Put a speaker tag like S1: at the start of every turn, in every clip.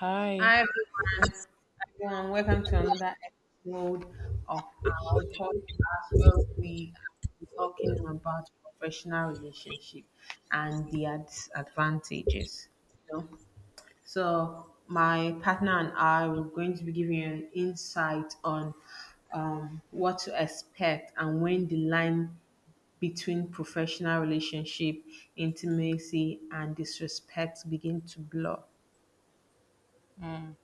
S1: Hi.
S2: Hi everyone, welcome to another episode of our podcast where we are talking about professional relationship and their disadvantages. You know, so my partner and I were going to be giving you an insight on what to expect and when the line between professional relationship, intimacy, and disrespect begin to blur.
S1: Mm.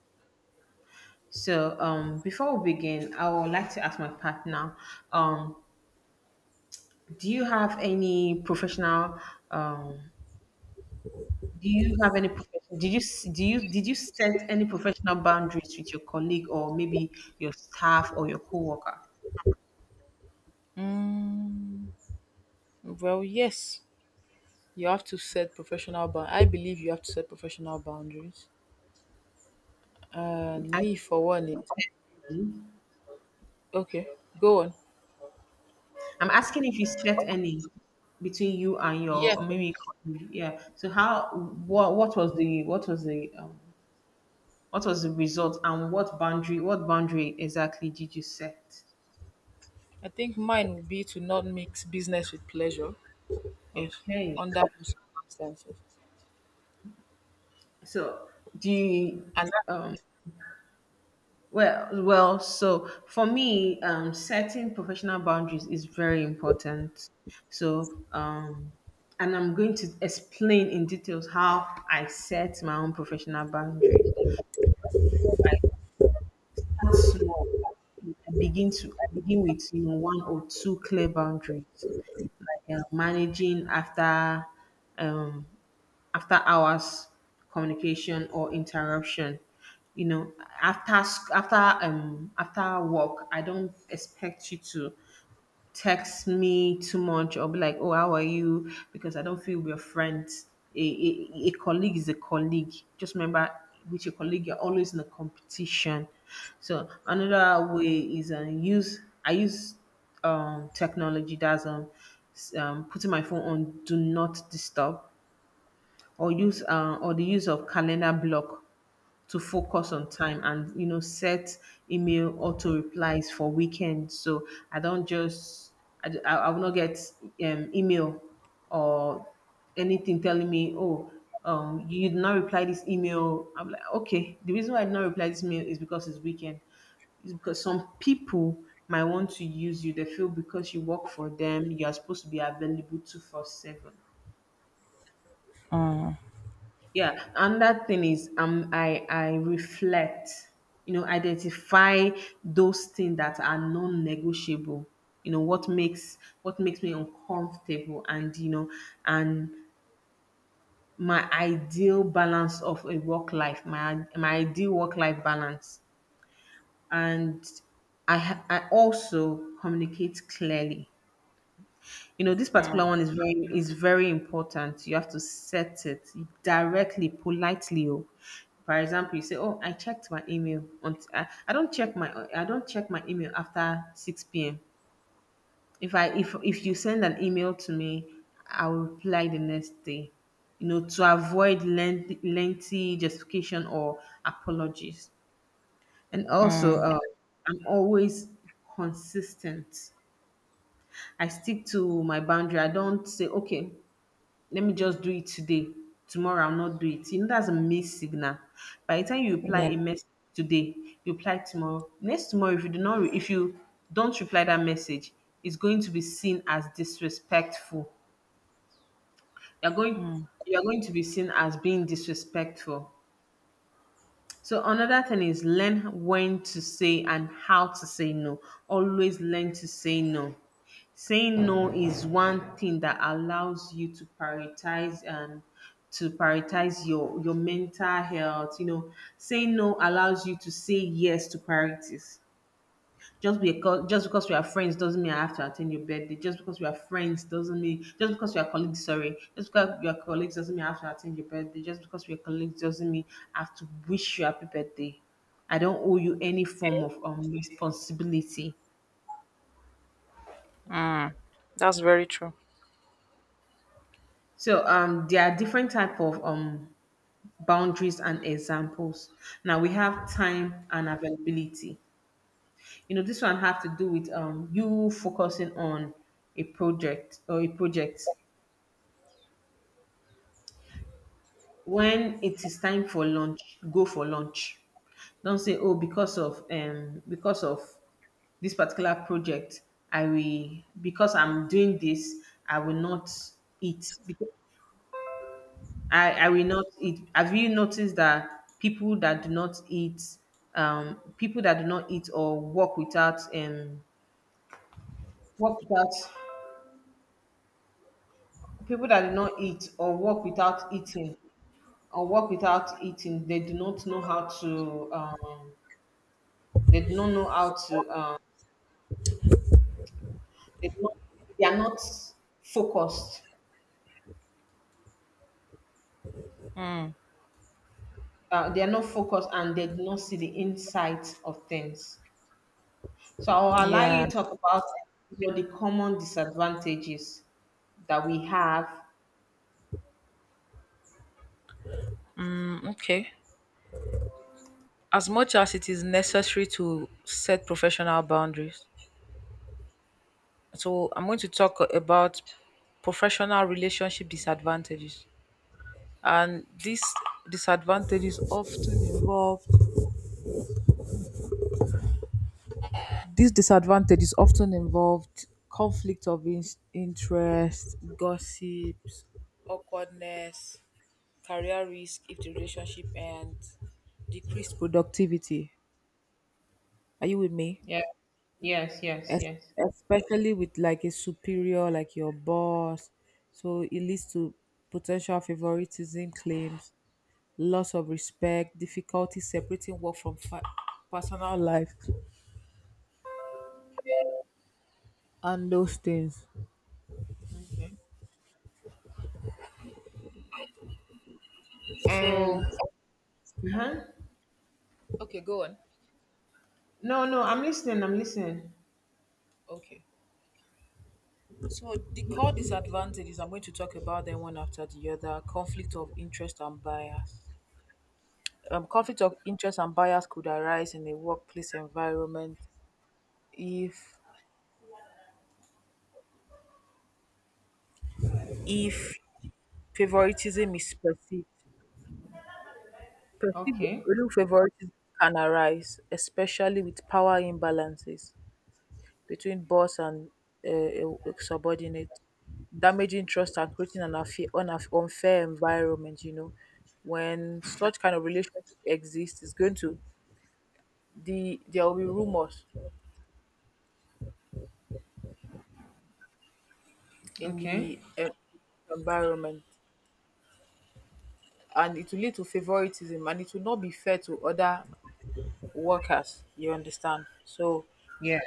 S2: So, before we begin, I would like to ask my partner, um, do you have any um, do you have any professional, did you, s- do you, did you set any professional boundaries with your colleague or maybe your staff or your coworker?
S1: Mm. Well, yes, you have to set professional bound. I believe you have to set professional boundaries. And
S2: I,
S1: me, for one, is. Okay. Go on.
S2: I'm asking if you set any between you and
S1: Yes,
S2: your maybe colleague. Yeah. What was the, what was the, what was the result and what what boundary exactly did you set?
S1: I think mine would be to not mix business with pleasure. Yes,
S2: Okay.
S1: under those circumstances.
S2: So do
S1: And that,
S2: um, well, so for me, setting professional boundaries is very important. So, and I'm going to explain in details how I set my own professional boundary. Before I start small, I begin with you know one or two clear boundaries. Like, managing after um, after hours communication or interruption, you know, after after work I don't expect you to text me too much or be like, oh, how are you, because I don't feel we're friends. A colleague is a colleague. Just remember, with your colleague you're always in a competition. So another way is, use I use technology. Putting my phone on do not disturb, or use or the use of calendar block to focus on time, and you know, set email auto replies for weekends, so I don't just I will not get email or anything telling me, oh, you did not reply this email. I'm like, okay, the reason why I did not reply this mail is because it's weekend. Is because some people might want to use you. They feel because you work for them, you are supposed to be available 24/7. Yeah, and that thing is, I reflect, you know, identify those things that are non-negotiable. You know, what makes me uncomfortable, and you know, and my ideal balance of a work life, my ideal work life balance. And I also communicate clearly. You know, this
S1: mm.
S2: particular one is very important. You have to set it directly, politely. Oh. For example, you say, "Oh, I checked my email. I don't check my I don't check my email after six p.m. If I if you send an email to me, I will reply the next day." You know, to avoid lengthy justification or apologies. And also,
S1: Mm.
S2: I'm always consistent. I stick to my boundary. I don't say, okay, let me just do it today. Tomorrow I'll not do it. You know, that's a mixed signal. By the time you reply
S1: Yeah.
S2: a message today, you reply tomorrow. Next tomorrow, if you do not, if you don't reply that message, it's going to be seen as disrespectful. You're going,
S1: Mm.
S2: you're going to be seen as being disrespectful. So another thing is learn when to say and how to say no. Always learn to say no. Saying no is one thing that allows you to prioritize, and to prioritize your mental health. You know, saying no allows you to say yes to priorities. Just because we are friends doesn't mean I have to attend your birthday. Just because we are friends doesn't mean Just because we are colleagues, sorry. Just because we are colleagues doesn't mean I have to attend your birthday. Just because we are colleagues doesn't mean I have to wish you happy birthday. I don't owe you any form of, responsibility.
S1: Mm. That's very true.
S2: So there are different type of boundaries and examples. Now we have time and availability. You know, this one have to do with you focusing on a project when it is time for lunch, go for lunch. Don't say, oh, because of, this particular project, I will, because I'm doing this, I will not eat. Because- I will not eat. Have you noticed that people that do not eat, people that do not eat or work without people that do not eat or work without eating, they do not know how to, They do not know how to. They, do not, they are not focused. They are not focused, and they do not see the insights of things. So I'll allow you
S1: Yeah.
S2: to talk about, you know, the common disadvantages that we have.
S1: Mm, okay. As much as it is necessary to set professional boundaries, so I'm going to talk about professional relationship disadvantages. And disadvantages often involve these disadvantages often involved conflict of interest, gossips, awkwardness, career risk if the relationship ends, decreased productivity. Are you with me?
S2: Yeah. Yes. Yes.
S1: Es-
S2: Yes.
S1: especially with like a superior, like your boss. So it leads to potential favoritism claims, loss of respect, difficulty separating work from personal life, and those things.
S2: Okay.
S1: So,
S2: And uh-huh.
S1: okay, go on.
S2: No, no, I'm listening. I'm listening.
S1: Okay. So, the core disadvantages, I'm going to talk about them one after the other: conflict of interest and bias. Conflict of interest and bias could arise in a workplace environment if if favoritism is perceived. Perceived
S2: Okay.
S1: real favoritism can arise, especially with power imbalances, between boss and a subordinate, damaging trust and creating an unfair environment. You know, when such kind of relationship exists, it's going to the there will be rumors in the
S2: Okay.
S1: environment, and it will lead to favoritism, and it will not be fair to other workers. You understand? So.
S2: Yeah.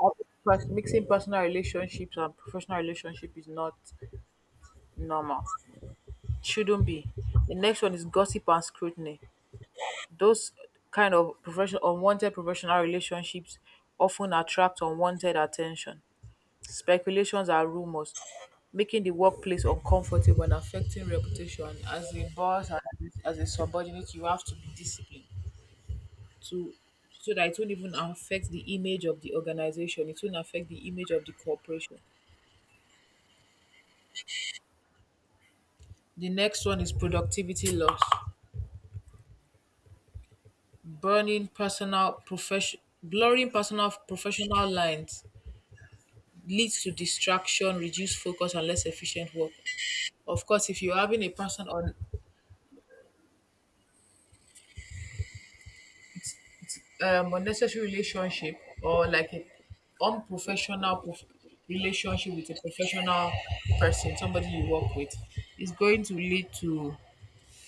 S1: I think mixing personal relationships and professional relationship is not normal. Shouldn't be. The next one is gossip and scrutiny. Those kind of professional unwanted professional relationships often attract unwanted attention. Speculations and rumors, making the workplace uncomfortable and affecting reputation. As a boss, as a subordinate, you have to be disciplined, to so that it won't even affect the image of the organization. It won't affect the image of the corporation. The next one is productivity loss, blurring personal professional lines leads to distraction, reduced focus, and less efficient work. Of course, if you're having a person on unnecessary relationship, or like an unprofessional relationship with a professional person, somebody you work with, it's going to lead to,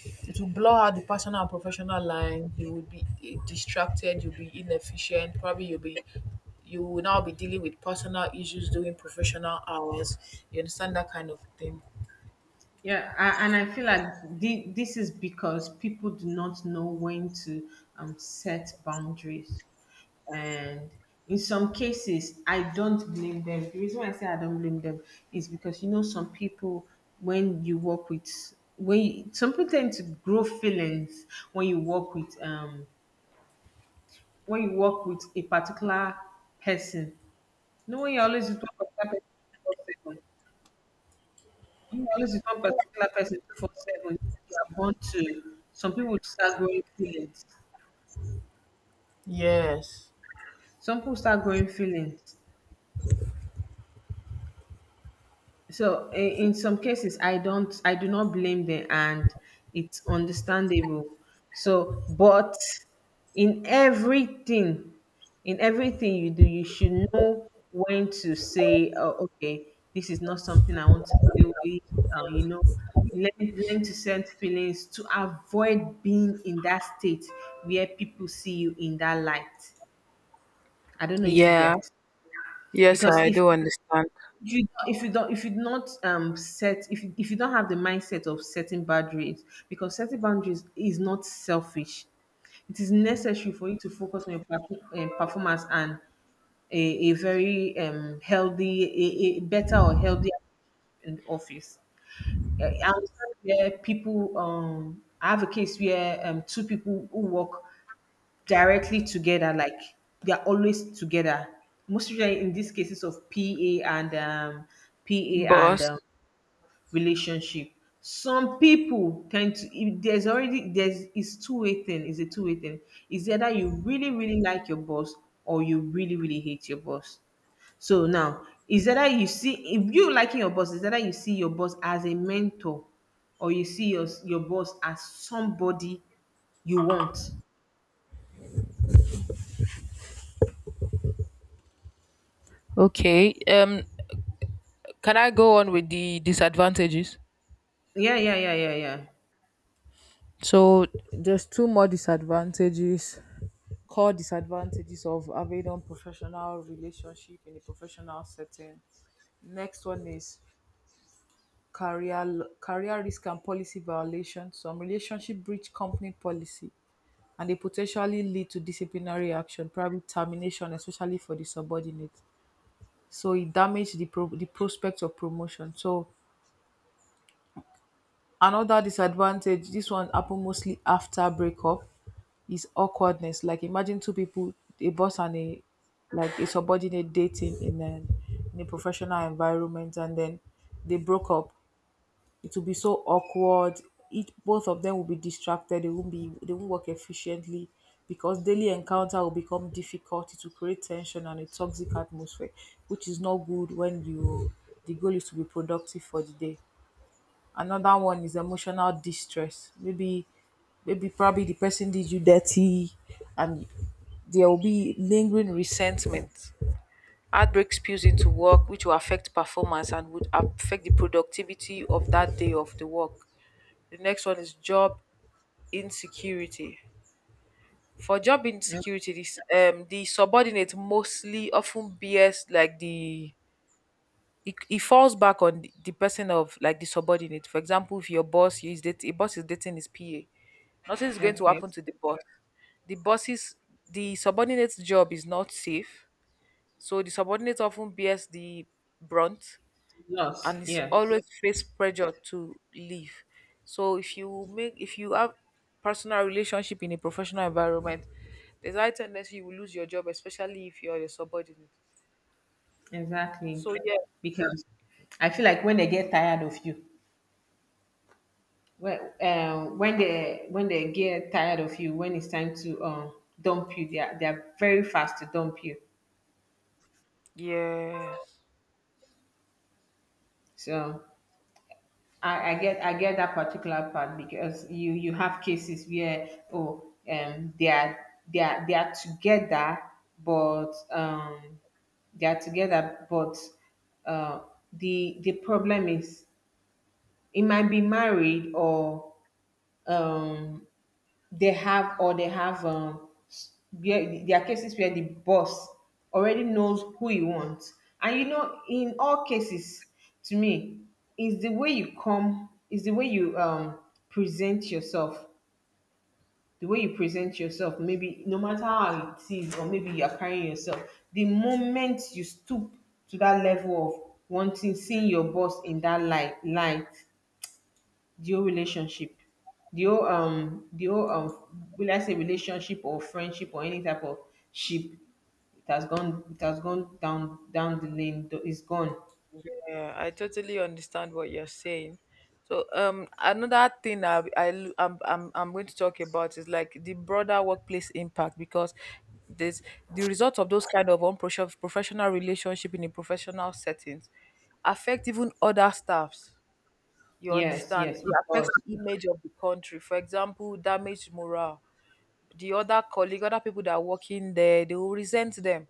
S1: it will blur out the personal and professional line. You will be distracted. You'll be inefficient. Probably you will now be dealing with personal issues during professional hours. You understand that kind of thing?
S2: Yeah, and I feel like this is because people do not know when to, set boundaries. And in some cases, I don't blame them. The reason why I say I don't blame them is because, you know, some people, when you work with, when you, some people tend to grow feelings when you work with, a particular person. You know, when you're always with one particular person, you always become particular person for 7 you are born to. Some people start growing feelings.
S1: Yes.
S2: Some people start growing feelings. So in some cases, I do not blame them, and it's understandable. So, but in everything, in everything you do, you should know when to say, "Oh, okay, this is not something I want to deal with." You know, learn to sense feelings to avoid being in that state where people see you in that light. I don't know if you
S1: Yeah,
S2: get.
S1: Yes,
S2: Because
S1: I do understand.
S2: if you don't, if you don't, if you not set, if you don't have the mindset of setting boundaries, because setting boundaries is not selfish. It is necessary for you to focus on your performance, and a very healthy, a better or healthier in the office. I understand where people, I have a case where two people who work directly together, like, they're always together. Most usually in these cases of PA and um, PA and
S1: Boss,
S2: relationship. Some people tend to, if there's already there's it's two-way thing, it's a two-way thing. It's either you really, really like your boss, or you really, really hate your boss. So now is either you see, if you liking your boss, is either you see your boss as a mentor, or you see your boss as somebody you want.
S1: Okay. Can I go on with the disadvantages?
S2: Yeah, yeah.
S1: So there's two more disadvantages. Core disadvantages of having a professional relationship in a professional setting. Next one is career risk and policy violation. Some relationship breach company policy, and they potentially lead to disciplinary action, probably termination, especially for the subordinate. So it damaged the the prospect of promotion. So. Another disadvantage, this one happen mostly after breakup, is awkwardness. Like imagine two people, a boss and a like a subordinate dating in a professional environment, and then they broke up. It will be so awkward. It Both of them will be distracted. They won't work efficiently because daily encounter will become difficult. It will create tension and a toxic atmosphere, which is not good when you the goal is to be productive for the day. Another one is emotional distress. Maybe probably the person did you dirty, and there will be lingering resentment. Heartbreak spills into work, which will affect performance and would affect the productivity of that day of the work. The next one is job insecurity. For job
S2: Mm.
S1: insecurity, this the subordinate mostly often bears like it falls back on the person of like the subordinate. For example, if your boss is dating, a boss is dating his PA, nothing is going to
S2: Okay.
S1: happen to the boss. The boss's the subordinate's job is not safe, so the subordinate often bears the brunt
S2: Loss.
S1: and is
S2: Yes.
S1: always face pressure to leave. So if you make if you have personal relationship in a professional environment, there's a high tendency you will lose your job, especially if you're a subordinate.
S2: Exactly.
S1: So yeah.
S2: Because I feel like when they get tired of you, when they get tired of you, when it's time to, dump you, they are very fast to dump you.
S1: Yes.
S2: So I get that particular part because you have cases where, oh, um they are they are together, but um but, uh the problem is, it might be married, or, um, they have, where there are cases where the boss already knows who he wants. And you know, in all cases, to me, is the way you come, is the way you, present yourself. The way you present yourself, maybe no matter how it is, or maybe you are carrying yourself, the moment you stoop to that level of wanting, seeing your boss in that light, the whole relationship, the whole, will I say relationship or friendship, or any type of ship, it has gone, it has gone down the lane. It's gone.
S1: Yeah, I totally understand what you're saying. So, another thing I l- I'm going to talk about is like the broader workplace impact, because this the result of those kind of unprofessional professional relationship in a professional settings affect even other staffs. You
S2: Yes,
S1: understand?
S2: yes, it
S1: It affects
S2: was.
S1: the image of the country. For example, damage morale. The other colleague, other people that are working there, they will resent them.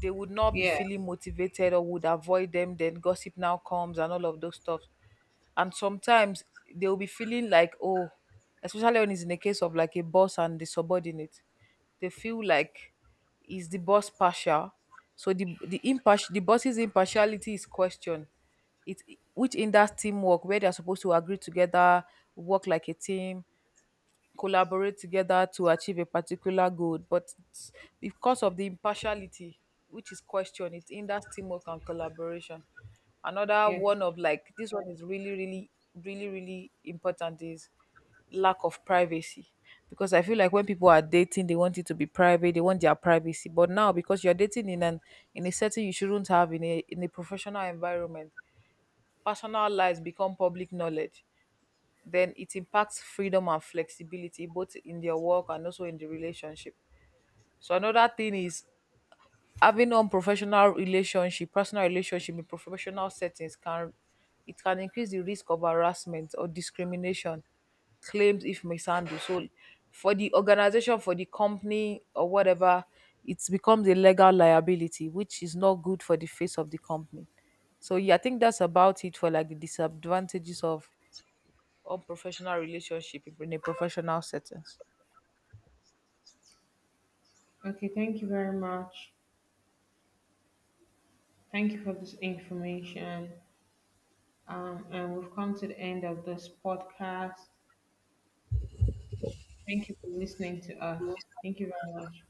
S1: They would not be
S2: Yeah.
S1: feeling motivated or would avoid them. Then gossip now comes, and all of those stuff. And sometimes they'll be feeling like, oh, especially when it's in a case of like a boss and the subordinate, they feel like, is the boss partial? So the boss's impartiality is questioned, it which, in that teamwork where they're supposed to agree together, work like a team, collaborate together to achieve a particular goal, but it's, because of the impartiality, which is question, it hinders teamwork and collaboration. Another
S2: Yeah.
S1: one of like this one is really, really, really, really important, is lack of privacy. Because I feel like when people are dating, they want it to be private, they want their privacy, but now because you're dating in an, in a setting you shouldn't have, in a professional environment, personal lives become public knowledge. Then it impacts freedom and flexibility both in their work and also in the relationship. So another thing is, having unprofessional relationship, personal relationship in professional settings can, it can increase the risk of harassment or discrimination claims if mishandled. So for the organization, for the company, or whatever, it becomes a legal liability, which is not good for the face of the company. So yeah, I think that's about it for like the disadvantages of, or professional relationship in a professional setting.
S2: Okay, thank you very much. Thank you for this information. And we've come to the end of this podcast. Thank you for listening to us. Thank you very much.